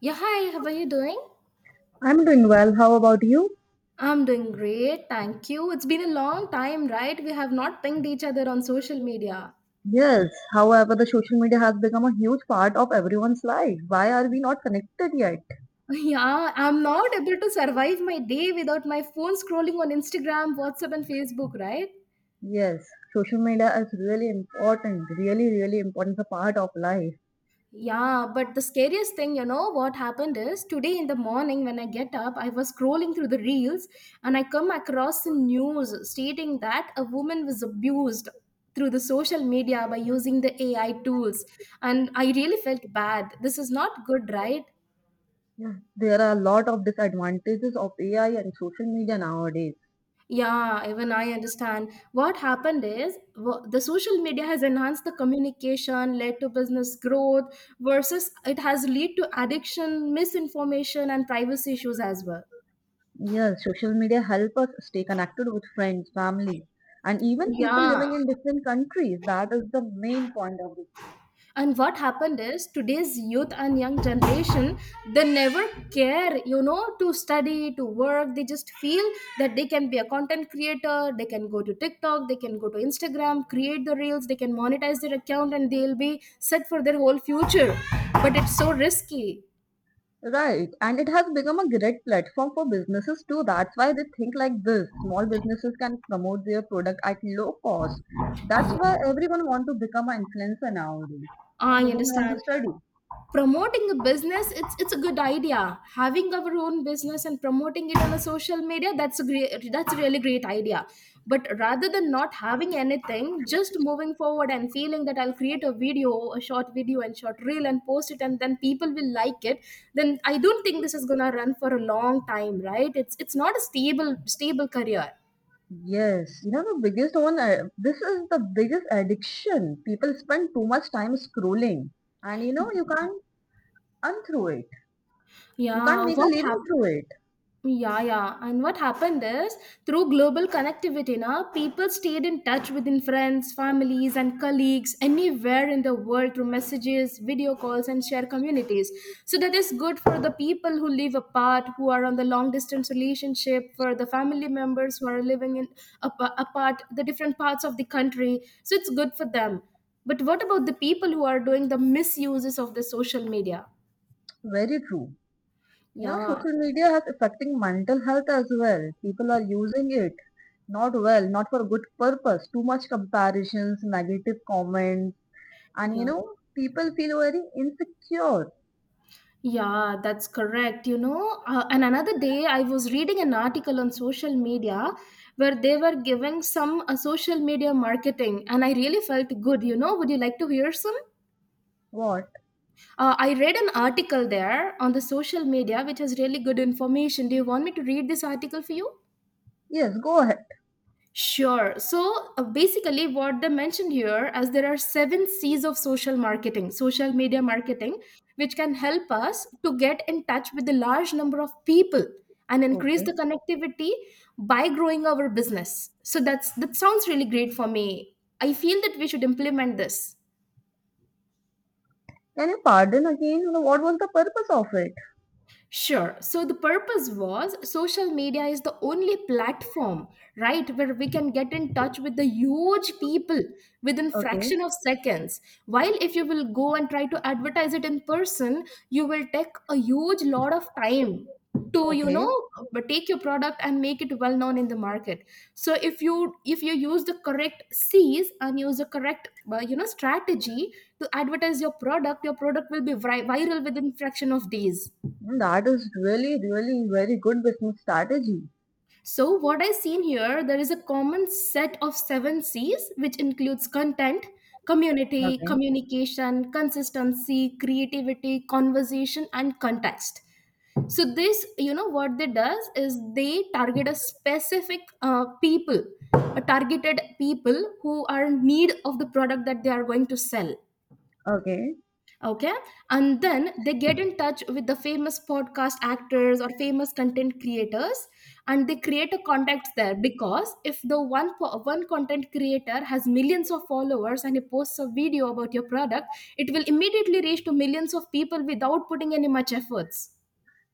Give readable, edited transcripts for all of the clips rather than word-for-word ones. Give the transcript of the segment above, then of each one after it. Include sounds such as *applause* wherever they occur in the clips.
Yeah, hi, how are you doing? I'm doing well. How about you? I'm doing great, thank you. It's been a long time, right? We have not pinged each other on social media. Yes, however, the social media has become a huge part of everyone's life. Why are we not connected yet? *laughs* Yeah, I'm not able to survive my day without my phone scrolling on Instagram, WhatsApp, and Facebook, right? Yes, social media is really important, really, really important. It's a part of life. Yeah, but the scariest thing, you know, what happened is today in the morning when I get up, I was scrolling through the reels and I come across the news stating that a woman was abused through the social media by using the AI tools. And I really felt bad. This is not good, right? Yeah. There are a lot of disadvantages of AI and social media nowadays. Yeah, even I understand. What happened is the social media has enhanced the communication, led to business growth, versus it has led to addiction, misinformation, and privacy issues as well. Yes, social media help us stay connected with friends, family, and even people Yeah. living in different countries. That is the main point of this. And what happened is today's youth and young generation, they never care, you know, to study, to work. They just feel that they can be a content creator, they can go to TikTok, they can go to Instagram, create the reels, they can monetize their account, and they'll be set for their whole future. But it's so risky. Right, and it has become a great platform for businesses too. That's why they think like this. Small businesses can promote their product at low cost. That's why everyone want to become an influencer nowadays. Now I they don't want understand. to study. Promoting a business, it's a good idea. Having our own business and promoting it on a social media, that's a great, that's a really great idea. But rather than not having anything, just moving forward and feeling that I'll create a video, a short video and short reel and post it, and then people will like it, then I don't think this is going to run for a long time, right? It's not a stable career. Yes, the biggest one. This is the biggest addiction. People spend too much time scrolling, and you can't earn it. You Yeah, can't make a what living happened? through it. Yeah, yeah. And what happened is through global connectivity, now people stayed in touch within friends, families, and colleagues anywhere in the world through messages, video calls, and share communities. So that is good for the people who live apart, who are on the long distance relationship, for the family members who are living in apart the different parts of the country. So it's good for them. But what about the people who are doing the misuses of the social media? Very true. You know, Yeah, social media has affecting mental health as well. People are using it not well, not for good purpose. Too much comparisons, negative comments, and yeah. People feel very insecure. Yeah, that's correct. You know, and another day I was reading an article on social media where they were giving some social media marketing, and I really felt good. You know, would you like to hear some? What? I read an article there on the social media which has really good information. Do you want me to read this article for you? Yes, go ahead. Sure. So basically, what they mentioned here, as there are seven C's of social marketing, social media marketing, which can help us to get in touch with a large number of people and increase Okay. the connectivity by growing our business. So that sounds really great for me. I feel that we should implement this. Can you pardon again? You know, what was the purpose of it? Sure. So the purpose was social media is the only platform, right, where we can get in touch with the huge people within Okay. fraction of seconds. While if you will go and try to advertise it in person, you will take a huge lot of time to, you know, Okay. but take your product and make it well known in the market. So if you use the correct C's and use the correct you know, strategy to advertise your product, your product will be viral within fraction of days. That is really, really very good business strategy. So, what I seen here, there is a common set of seven C's, which includes content, community, Okay. communication, consistency, creativity, conversation, and context. So, this, you know, what they does is they target a specific people, a targeted people who are in need of the product that they are going to sell. Okay. Okay. And then they get in touch with the famous podcast actors or famous content creators, and they create a contact there. Because if the one content creator has millions of followers and he posts a video about your product, it will immediately reach to millions of people without putting any much efforts.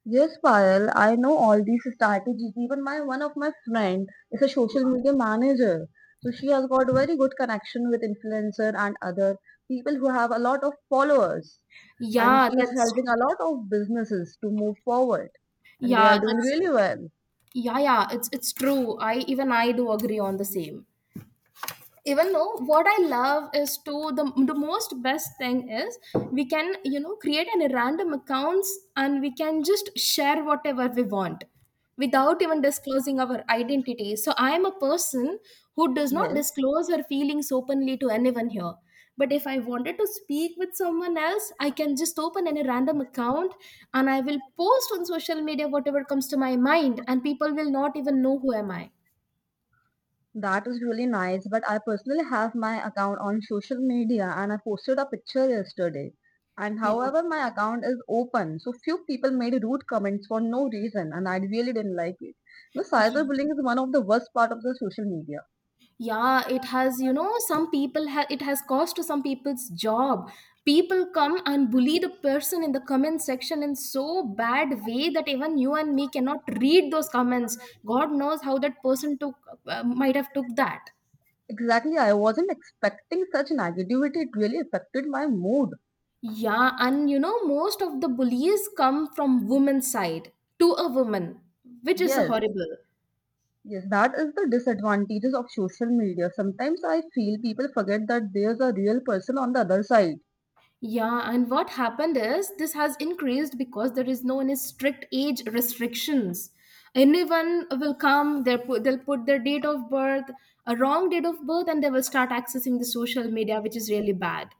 Yes, Payal, I know all these strategies. Even my one of my friend is a social media manager. So she has got very good connection with influencer and other people who have a lot of followers. And yeah she is that's helping a lot of businesses to move forward. And they are yeah doing that's really well. yeah, yeah, it's true. I even i do agree on the same. Even though what I love is, to the most best thing is we can, you know, create any random accounts and we can just share whatever we want without even disclosing our identity. So I am a person who does not Yes. disclose her feelings openly to anyone here. But if I wanted to speak with someone else, I can just open any random account and I will post on social media whatever comes to my mind and people will not even know who am I. That is really nice, but I personally have my account on social media and I posted a picture yesterday. And Yeah, however, my account is open, so few people made rude comments for no reason, and I really didn't like it. The cyberbullying is one of the worst part of the social media. yeah, it has, you know, some people it has cost to some people's job. People come and bully the person in the comment section in so bad way that even you and me cannot read those comments. God knows how that person took, might have took that. Exactly, I wasn't expecting such negativity. It really affected my mood. Yeah, and you know most of the bullies come from women's side to a woman, which is Yes, horrible. yes, that is the disadvantages of social media. Sometimes I feel people forget that there's a real person on the other side. Yeah, and what happened is this has increased because there is no any strict age restrictions. Anyone will come, they'll put their date of birth, a wrong date of birth, and they will start accessing the social media, which is really bad.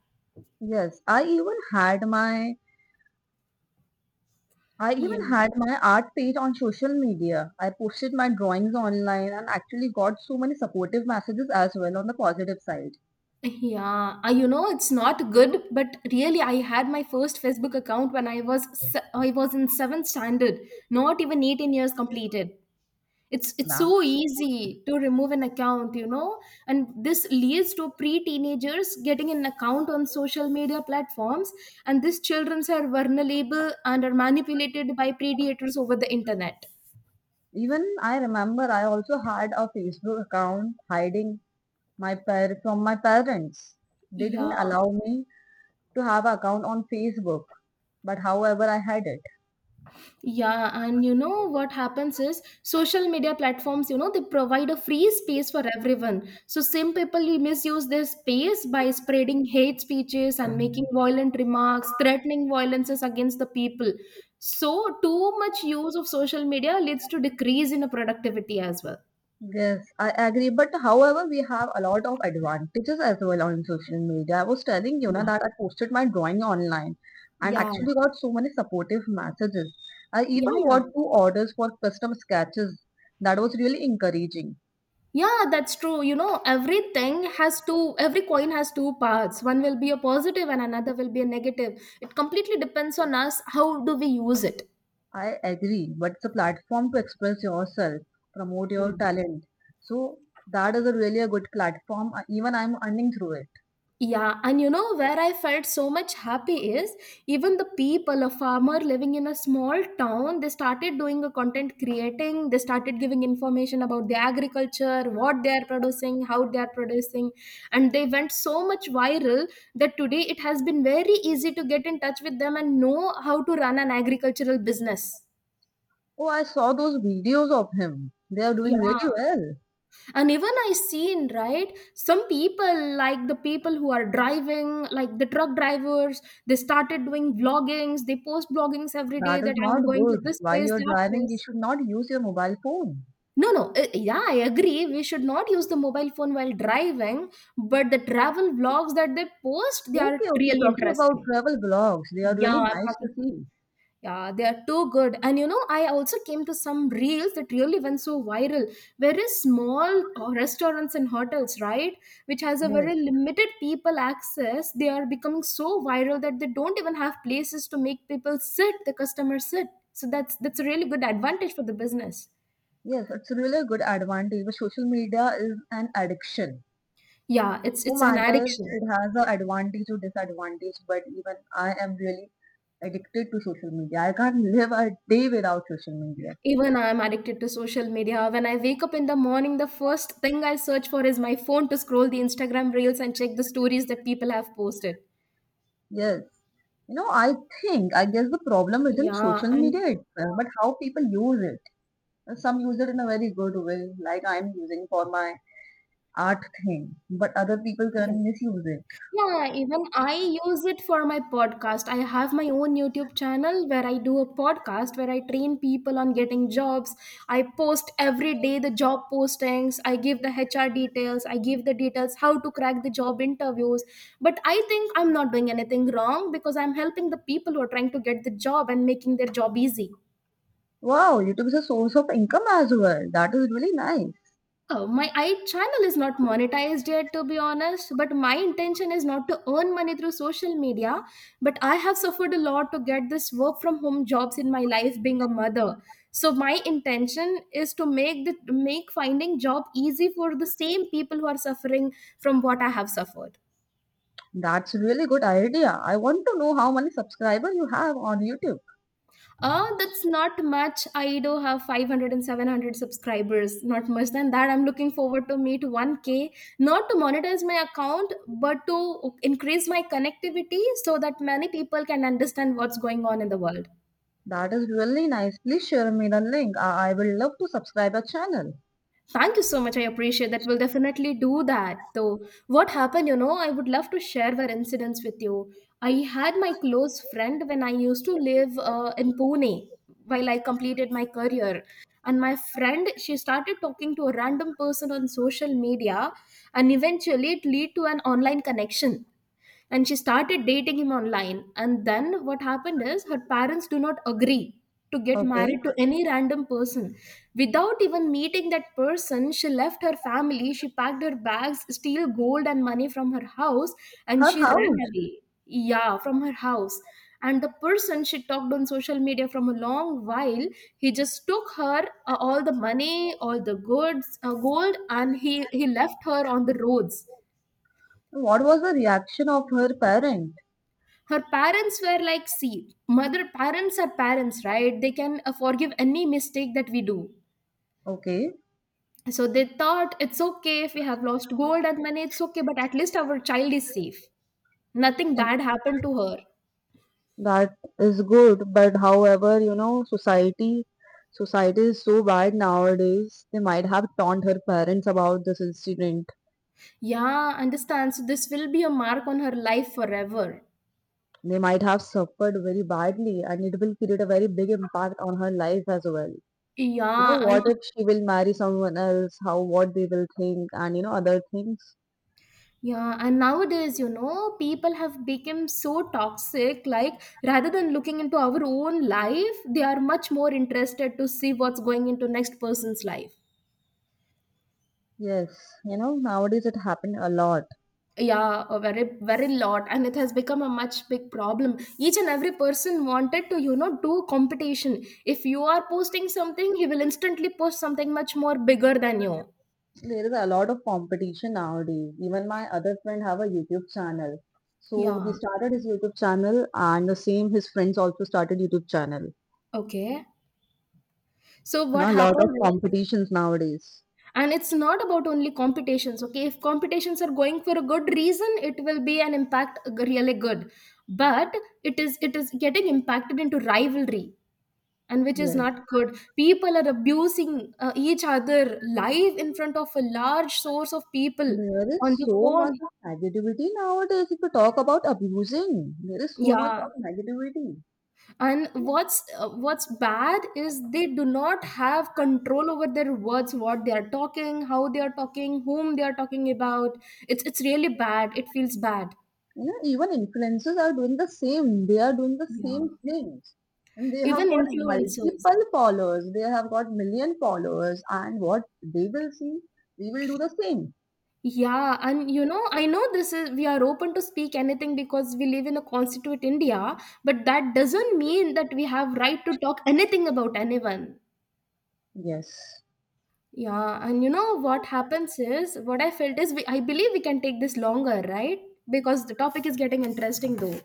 Yes, I Yeah. even had my art page on social media. I posted my drawings online and actually got so many supportive messages as well on the positive side. Yeah, you know it's not good, but really, I had my first Facebook account when I was I was in 7th standard, not even 18 years completed. It's Now, so easy to remove an account, you know, and this leads to pre-teenagers getting an account on social media platforms, and these children are vulnerable and are manipulated by predators over the internet. even I remember I also had a Facebook account hiding from my parents. They didn't Yeah. allow me to have an account on Facebook, but however I had it. Yeah, and you know what happens is social media platforms, you know, they provide a free space for everyone. So some people will misuse this space by spreading hate speeches and making violent remarks, threatening violences against the people. So too much use of social media leads to decrease in the productivity as well. Yes, I agree. But however, we have a lot of advantages as well on social media. I was telling you na, Yeah. that I posted my drawing online and Yeah. actually got so many supportive messages. I Yeah, even yeah. got two orders for custom sketches. That was really encouraging. Yeah, that's true. You know, everything has two, every coin has two parts. One will be a positive and another will be a negative. It completely depends on us. How do we use it? I agree, but it's a platform to express yourself, promote Yeah. your talent. So that is a really a good platform. Even I'm earning through it. Yeah, and you know where I felt so much happy is even the people, a farmer living in a small town, they started doing a content creating, they started giving information about the agriculture, what they are producing, how they are producing, and they went so much viral that today it has been very easy to get in touch with them and know how to run an agricultural business. Oh, I saw those videos of him. They are doing really Yeah. well. And even I seen, right, some people like the people who are driving, like the truck drivers, they started doing vloggings. They post bloggings every day That is that not I'm going to good. this While place, you're that driving, you place. should not use your mobile phone. No no Yeah, I agree, we should not use the mobile phone while driving, but the travel vlogs that they post, they are Okay, okay. really Talking about interesting. travel blogs, they are really Yeah, nice to fucking. see. Yeah, they are too good. And you know, I also came to some reels that really went so viral. Very small restaurants and hotels, right, which has a Yes, very limited people access, they are becoming so viral that they don't even have places to make people sit, the customers sit. So that's a really good advantage for the business. yes, it's really a good advantage. But social media is an addiction. Yeah, it's No it's an matters? addiction. It has a advantage or disadvantage, but even I am really addicted to social media. I can't live a day without social media. Even I'm addicted to social media. When I wake up in the morning, the first thing I search for is my phone to scroll the Instagram reels and check the stories that people have posted. Yes. I think, I guess the problem isn't Yeah, social media and itself, but how people use it. Some use it in a very good way, like I'm using for my art thing, but other people yeah, can misuse it. yeah, even I use it for my podcast. I have my own YouTube channel where I do a podcast where I train people on getting jobs. I post every day the job postings, I give the HR details, I give the details how to crack the job interviews. But I think I'm not doing anything wrong because I'm helping the people who are trying to get the job and making their job easy. Wow, YouTube is a source of income as well. That is really nice. Oh, my I channel is not monetized yet, to be honest. But my intention is not to earn money through social media. But I have suffered a lot to get this work from home jobs in my life, being a mother. So my intention is to make finding job easy for the same people who are suffering from what I have suffered. That's a really good idea. I want to know how many subscribers you have on YouTube. That's not much. I do have 500 and 700 subscribers. Not much than that. I'm looking forward to meet 1K, not to monetize my account, but to increase my connectivity so that many people can understand what's going on in the world. That is really nice. Please share me the link. I will love to subscribe your channel. Thank you so much. I appreciate that. We'll definitely do that. Though, what happened, you know, I would love to share our incidents with you. I had my close friend when I used to live in Pune while I completed my career. And my friend, she started talking to a random person on social media, and eventually it led to an online connection, and she started dating him online. And then what happened is her parents do not agree to get Okay. married to any random person without even meeting that person. She left her family, she packed her bags, steal gold and money from her house, and Her she ran house. away, yeah, from her house. And the person she talked on social media from a long while, he just took her all the money, all the goods, gold, and he left her on the roads. What was the reaction of her parent? Her parents were like, see, mother, parents are parents, right? They can forgive any mistake that we do. Okay. So they thought it's okay, if we have lost gold and money, it's okay, but at least our child is safe, nothing bad happened to her. That is good, but however, society is so bad nowadays. They might have taunt her parents about this incident. Yeah, understand, so this will be a mark on her life forever. They might have suffered very badly, and it will create a very big impact on her life as well. You Yeah, know, and what if she will marry someone else? How what they will think, and other things. yeah, and nowadays, you know, people have become so toxic, like rather than looking into our own life, they are much more interested to see what's going into next person's life. Yes, nowadays it happened a lot. Yeah, a very lot, and it has become a much big problem. Each and every person wanted to, you know, do competition. If you are posting something, he will instantly post something much more bigger than you. There is a lot of competition nowadays. Even my other friend have a YouTube channel. So Yeah, he started his YouTube channel and the same his friends also started YouTube channel. okay, so You what know, a lot of happened is, competitions nowadays. and it's not about only competitions. Okay, if competitions are going for a good reason, it will be an impact really good, but it is getting impacted into rivalry, and which is Yes. not good. People are abusing each other live in front of a large source of people There is on the so much phone. of negativity nowadays if you talk about abusing. There is so much Yeah, of negativity. and what's bad is they do not have control over their words, what they are talking, how they are talking, whom they are talking about. It's really bad. It feels bad. You know, even influencers are doing the same. They are doing the Yeah, same things. And they even have got influencers. multiple followers. They have got million followers. And what they will see, we will do the same. Yeah, and you know, I know this is, we are open to speak anything because we live in a constituent India, but that doesn't mean that we have right to talk anything about anyone. Yes. Yeah, and you know what happens is, what I felt is, we, I believe we can take this longer, right? Because the topic is getting interesting though.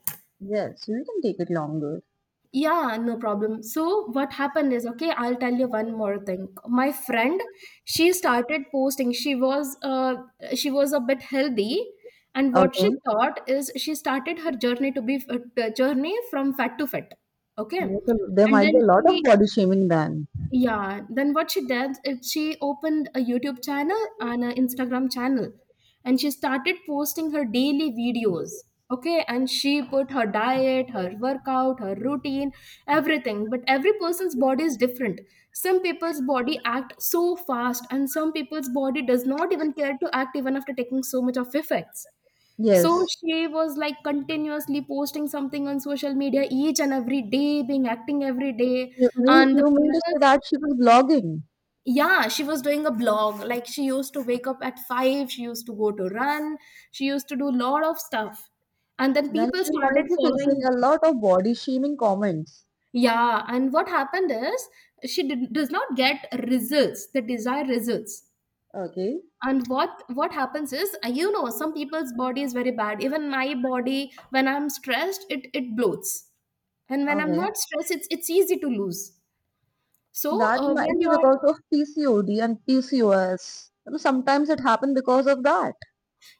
Yes, you can take it longer. Yeah, no problem. So what happened is, okay, I'll tell you one more thing. My friend, she started posting. She was a bit healthy, and what she Okay. thought is she started her journey to be journey from fat to fit. Okay, There's There and might be then a lot of she, body shaming then. yeah, then what she did is she opened a YouTube channel and an Instagram channel, and she started posting her daily videos. Okay, and she put her diet, her workout, her routine, everything. But every person's body is different. Some people's body act so fast, and some people's body does not even care to act even after taking so much of effects. So Yes. she was like continuously posting something on social media each and every day, being acting every day, You mean and the you mean to people, say that she was blogging? yeah, she was doing a blog. Like she used to wake up at 5, she used to go to run, she used to do a lot of stuff, and then Then people she started might be facing following a her. lot of body shaming comments. Yeah, and what happened is does not get results, the desired results. Okay. And what happens is, you know, some people's body is very bad. Even my body, when I'm stressed, it bloats, and when I'm Okay. not stressed, it's easy to lose. So That might when be you're, because of PCOD and PCOS. You know, sometimes it happens because of that.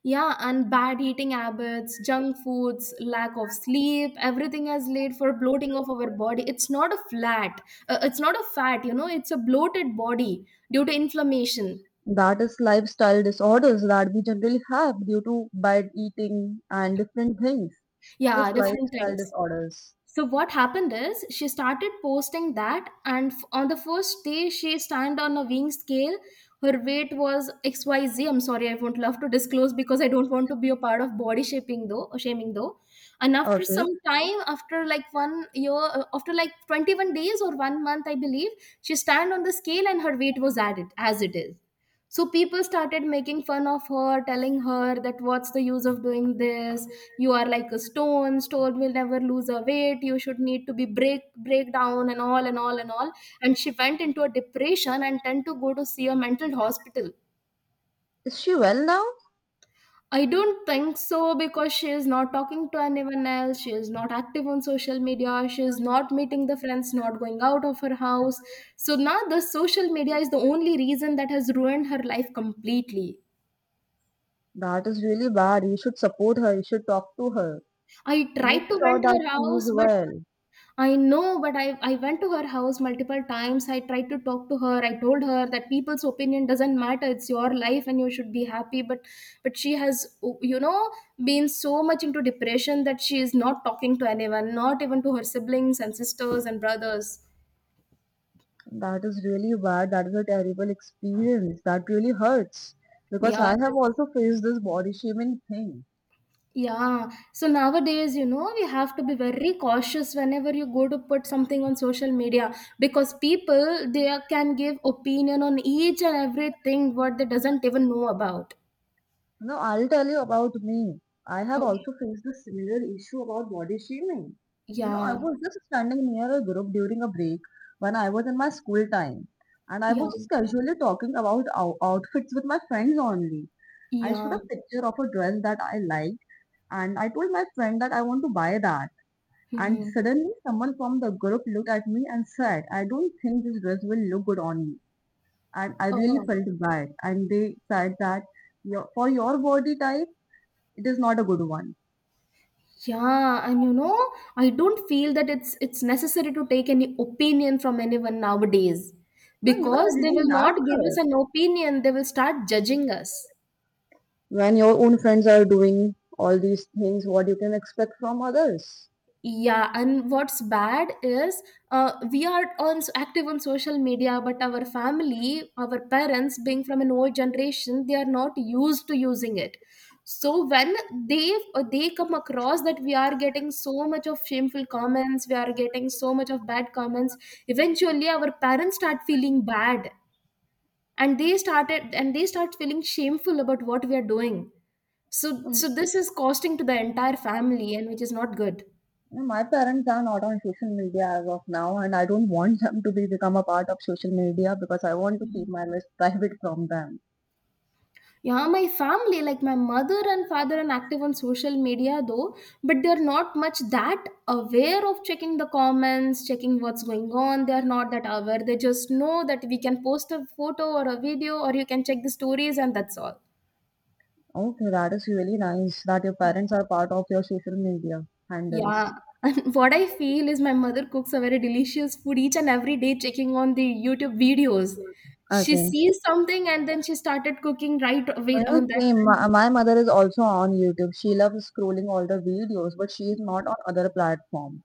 yeah, and bad eating habits, junk foods, lack of sleep, everything has laid for bloating of our body. It's not a flat, it's not a fat, you know, it's a bloated body due to inflammation. That is lifestyle disorders that we generally have due to bad eating and different things. Yeah, Just different lifestyle things. disorders. So what happened is she started posting that, and on the first day she stand on a weighing scale. Her weight was XYZ. I'm sorry, I won't love to disclose because I don't want to be a part of body shaping though, or shaming though. And after Okay. some time, after like one year, after like 21 days or one month, I believe, she stand on the scale and her weight was added as it is. So people started making fun of her, telling her that what's the use of doing this? You are like a stone, stone will never lose her weight, you should need to be break, break down, and all and all and all. And she went into a depression and tend to go to see a mental hospital. Is she well now? I don't think so, because she is not talking to anyone else. She is not active on social media. She is not meeting the friends, not going out of her house. So now the social media is the only reason that has ruined her life completely. That is really bad. You should support her. You should talk to her. I Make tried to sure went that her she is house, but well. I know, but I went to her house multiple times. I tried to talk to her. I told her that people's opinion doesn't matter. It's your life and you should be happy. But she has, you know, been so much into depression that she is not talking to anyone, not even to her siblings and sisters and brothers. That is really bad. That is a terrible experience. That really hurts. Because Yeah, I have that's, also faced this body shaming thing. yeah. So nowadays, you know, we have to be very cautious whenever you go to put something on social media, because people they can give opinion on each and everything what they doesn't even know about. Now I'll tell you about me. I have Okay. also faced a similar issue about body shaming. You know, I Yeah. was just standing near a group during a break when I was in my school time, and I Yeah. was just casually talking about outfits with my friends only. I showed Yeah. a picture of a dress that I liked, and I told my friend that I want to buy that. And Hmm. suddenly, someone from the group looked at me and said, "I don't think this dress will look good on you." And I really Oh. felt bad. And they said that your, for your body type it is not a good one. Yeah, and you know, I don't feel that it's necessary to take any opinion from anyone nowadays, No, even I because they will didn't ask not give us her. an opinion, they will start judging us. When your own friends are doing all these things, what you can expect from others. Yeah, and what's bad is, we are on active on social media, but our family, our parents, being from an old generation, they are not used to using it. So when they come across that we are getting so much of shameful comments, we are getting so much of bad comments. Eventually, our parents start feeling bad, and they start feeling shameful about what we are doing. So Mm, so this is costing to the entire family, and which is not good. my parents are not on social media as of now, and I don't want them to be become a part of social media because I want to keep my list *laughs* private from them. Yeah, my family, like my mother and father, are active on social media though, but they're not much that aware of checking the comments, checking what's going on. They're not that aware. They just know that we can post a photo or a video, or you can check the stories, and that's all. Okay, that is really nice that your parents are part of your social media handles. Yeah. *laughs* And what I feel is my mother cooks a very delicious food each and every day, checking on the YouTube videos. She Okay. sees something and then she started cooking right away Uh, on that. same. My, my mother is also on YouTube. She loves scrolling all the videos, but she is not on other platform.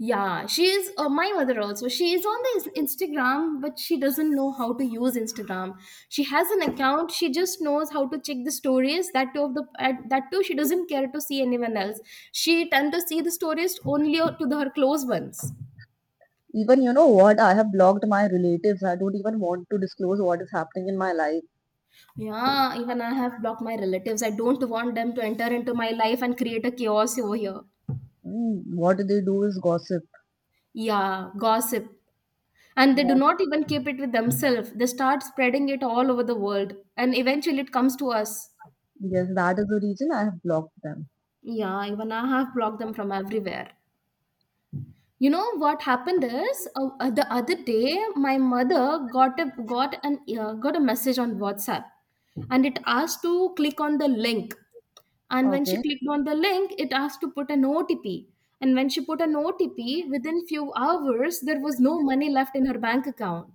Yeah, she is my mother also. She is on the Instagram, but she doesn't know how to use Instagram. She has an account. She just knows how to check the stories. That too, of the at, that too, she doesn't care to see anyone else. She tend to see the stories only to the, her close ones. Even you know what? I have blocked my relatives. I don't even want to disclose what is happening in my life. Yeah, even I have blocked my relatives. I don't want them to enter into my life and create a chaos over here. Mm, what they do is gossip. Yeah, gossip. And they do What? not even keep it with themselves. They start spreading it all over the world, and eventually it comes to us. Yes, that is the reason I have blocked them. Yeah, even I have blocked them from everywhere. You know what happened is, the other day my mother got a message on WhatsApp, and it asked to click on the link. And when she Okay. clicked on the link, it asked to put an OTP. And when she put an OTP, within few hours there was no money left in her bank account.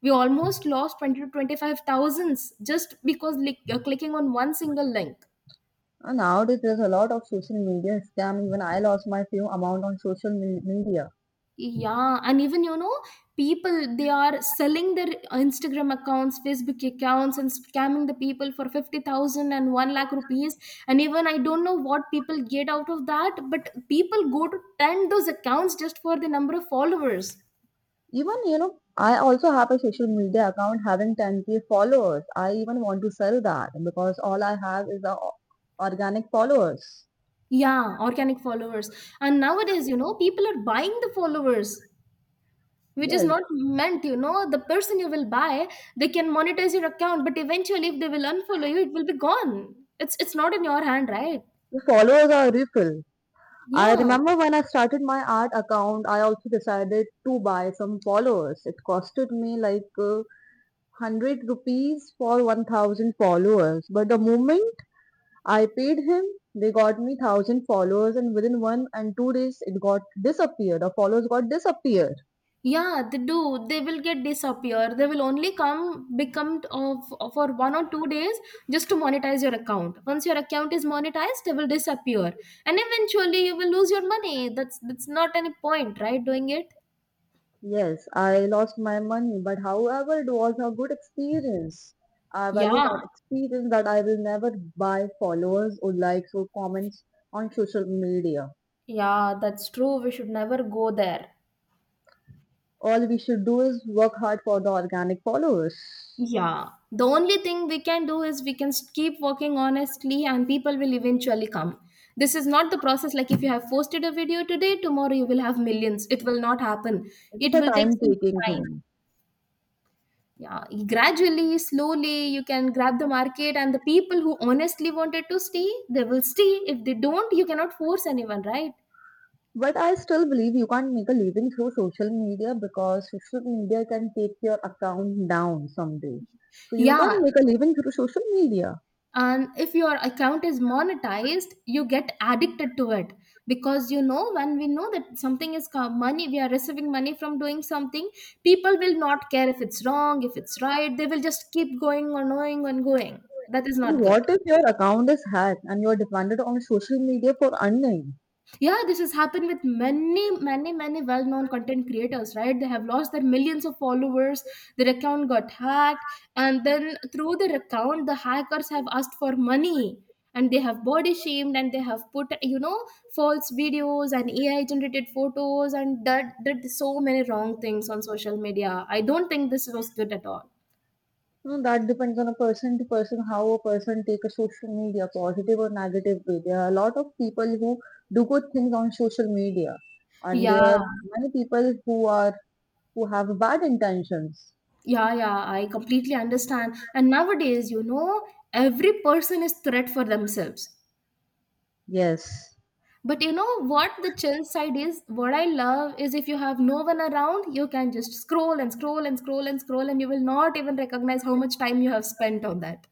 We almost lost 20 to 25 thousands just because like, clicking on one single link. And nowadays, there's a lot of social media scam. Even I lost my few amount on media. Yeah, and even, you know, people they are selling their Instagram accounts, Facebook accounts, and scamming the people for fifty thousand and one lakh rupees. And even I don't know what people get out of that, but people go to tend those accounts just for the number of followers. Even, you know, I also have a social media account having 10k followers. I even want to sell that because all I have is the organic followers. Yeah, organic followers. And nowadays, you know, people are buying the followers, which is Yes, not meant, you know, the person you will buy, they can monetize your account, but eventually, if they will unfollow you, it will be gone. It's not in your hand, right? the followers are refill. I Yeah, remember when I started my art account, I also decided to buy some followers. It costed me like 100 rupees for 1000 followers. But the moment I paid him, they got me 1000 followers, and within 1 and 2 days, it got disappeared. The followers got disappeared. yeah, they do. They will get disappear. They will only come become of for one or two days just to monetize your account. Once your account is monetized, they will disappear, and eventually you will lose your money. That's not any point, right? Doing it. Yes, I lost my money, but however, it was a good experience. I value Yeah, that experience that I will never buy followers or likes or comments on social media. yeah, that's true. We should never go there. All we should do is work hard for the organic followers. Yeah, the only thing we can do is we can keep working honestly and people will eventually come. This is not the process. Like if you have posted a video today, tomorrow you will have millions. It will not happen. It is It a will take time some taking time. thing. Yeah, gradually, slowly, you can grab the market, and the people who honestly wanted to stay, they will stay. If they don't, you cannot force anyone, right? But I still believe you can't make a living through social media because social media can take your account down someday. So you can't Yeah, make a living through social media. and if your account is monetized, you get addicted to it. Because when we know that money, we are receiving money from doing something, people will not care if it's wrong, if it's right, they will just keep going on, going and going. That is not good. What if your account is hacked and you're dependent on social media for earning? Yeah, this has happened with many well-known content creators, right? They have lost their millions of followers, their account got hacked, and then through their account the hackers have asked for money, and they have body shamed, and they have put, false videos and ai generated photos, and that did so many wrong things on social media. I don't think this was good at all. No, that depends on a person to person, how a person take a social media, positive or negative way. There are a lot of people who do good things on social media, and there are Yeah, many people who have bad intentions. yeah. I completely understand. And nowadays, every person is threat for themselves. Yes. But you know what the chill side is? What I love is if you have no one around, you can just scroll and scroll and scroll and scroll, and you will not even recognize how much time you have spent on that.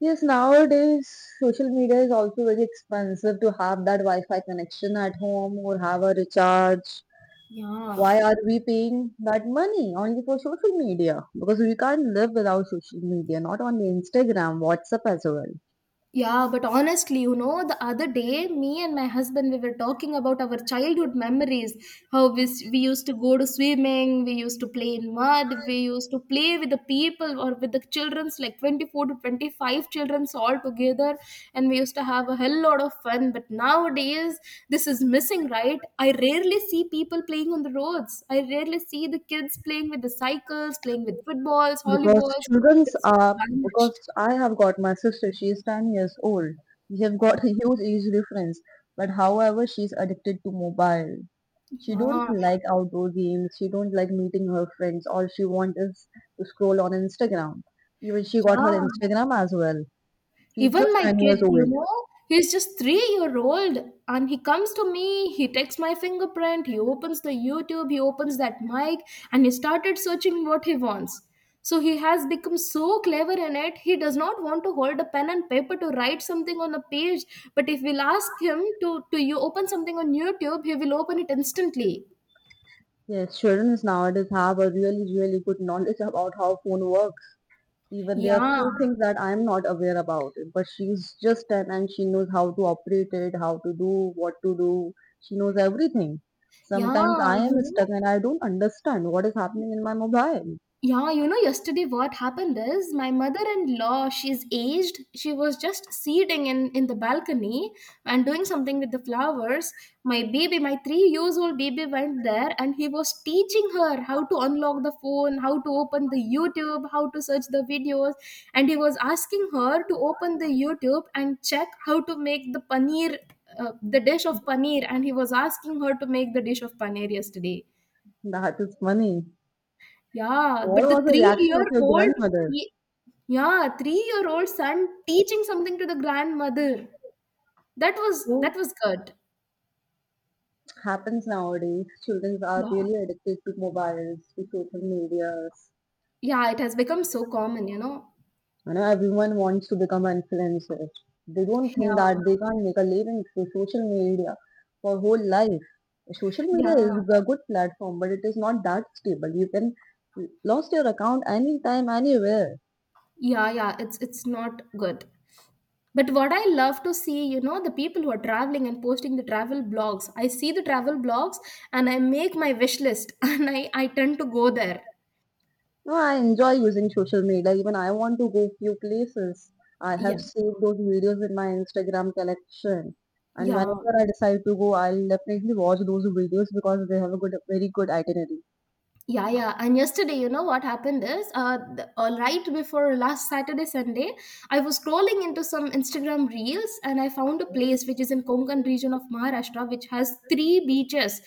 Yes, nowadays social media is also very expensive to have that Wi-Fi connection at home or have a recharge. Yeah. Why are we paying that money only for social media? Because we can't live without social media, not only Instagram, WhatsApp as well. Yeah, but honestly, the other day, me and my husband, we were talking about our childhood memories. How we used to go to swimming, we used to play in mud, we used to play with the people or with the childrens, like 24 to 25 childrens all together. And we used to have a hell lot of fun. But nowadays, this is missing, right? I rarely see people playing on the roads. I rarely see the kids playing with the cycles, playing with footballs, Because volleyballs. children's It's are all because vanished. I have got my sister, she is 10 years old. We have got a huge age difference, but however, she's addicted to mobile. She don't Yeah. like outdoor games. She don't like meeting her friends. All she wants is to scroll on Instagram. Even she got her Yeah. Instagram as well. She's Even just my 10 years kid, old. He's just 3 year old, and he comes to me, he takes my fingerprint, he opens the YouTube, he opens that mic, and he started searching what he wants. So he has become so clever in it. He does not want to hold a pen and paper to write something on a page. But if we'll ask him to you open something on YouTube, he will open it instantly. Yes, children nowadays have a really, really good knowledge about how phone works. Even there are Yeah. few things that I'm not aware about, but she's just 10 and she knows how to operate it, how to do, what to do. She knows everything. Sometimes Yeah, I you am know, stuck and I don't understand what is happening in my mobile. Yesterday what happened is my mother-in-law, she's aged. She was just sitting in the balcony and doing something with the flowers. My baby, my 3 years old baby went there and he was teaching her how to unlock the phone, how to open the YouTube, how to search the videos. And he was asking her to open the YouTube and check how to make the paneer, the dish of paneer. And he was asking her to make the dish of paneer yesterday. That is funny. Yeah, What but the was the reaction of your three-year-old, grandmother? yeah, three-year-old son teaching something to the grandmother. That was that Who was good. happens nowadays? Children are Yeah, really addicted to mobiles, to social medias. yeah, it has become so common, you know. You know, everyone wants to become an influencer. They don't Yeah, think that they can't make a living through social media for whole life. Social media is yeah, a good platform, but it is not that stable. You can lost your account anytime, anywhere. yeah. It's not good. But what I love to see, the people who are traveling and posting the travel blogs. I see the travel blogs and I make my wish list *laughs* and I tend to go there. No, I enjoy using social media. Even I want to go few places. I Yeah, have saved those videos in my Instagram collection. And yeah. whenever I decide to go, I'll definitely watch those videos because they have a good, very good itinerary. Yeah, yeah. And yesterday, you know what happened is, right before last Saturday, Sunday, I was scrolling into some Instagram reels and I found a place which is in Konkan region of Maharashtra, which has three beaches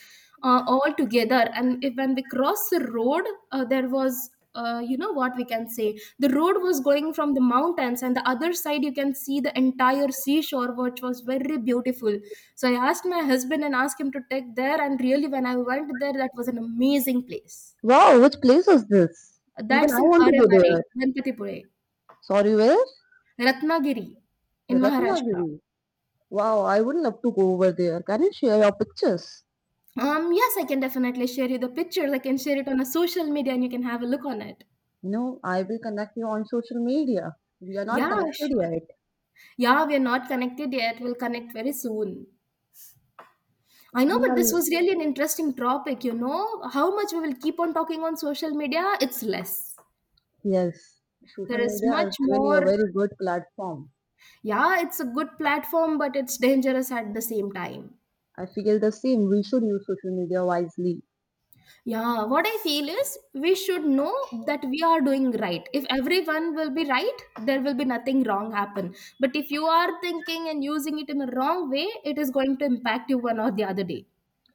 all together. And if when we crossed the road, there was you know, what we can say, the road was going from the mountains and the other side you can see the entire seashore, which was very beautiful. So I asked my husband and asked him to take there, and really, when I went there, that was an amazing place. Wow, which place is this? Even That's I in want to go Arevare, there. Ganpatipure, Sorry, where? Ratnagiri, in Maharashtra. Ratnagiri. Wow, I would love to go over there. Can you share your pictures? Yes, I can definitely share you the pictures. I can share it on a social media and you can have a look on it. No, I will connect you on social media. We are not Yeah, connected sure. yet. Yeah, we are not connected yet. We'll connect very soon. I know, We but are, this was really an interesting topic, you know. How much we will keep on talking on social media, it's less. yes, There social is media is much really more. a very good platform. Yeah, it's a good platform, but it's dangerous at the same time. I feel the same. We should use social media wisely. Yeah, what I feel is we should know that we are doing right. If everyone will be right, there will be nothing wrong happen. But if you are thinking and using it in a wrong way, it is going to impact you one or the other day.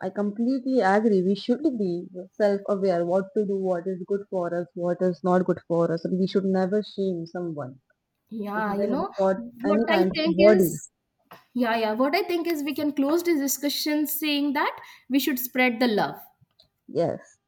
I completely agree. We should be self-aware what to do, what is good for us, what is not good for us, and we should never shame someone if Yeah, they you know, have got what any I kind of think body. is Yeah, yeah. What I think is we can close this discussion saying that we should spread the love. Yes.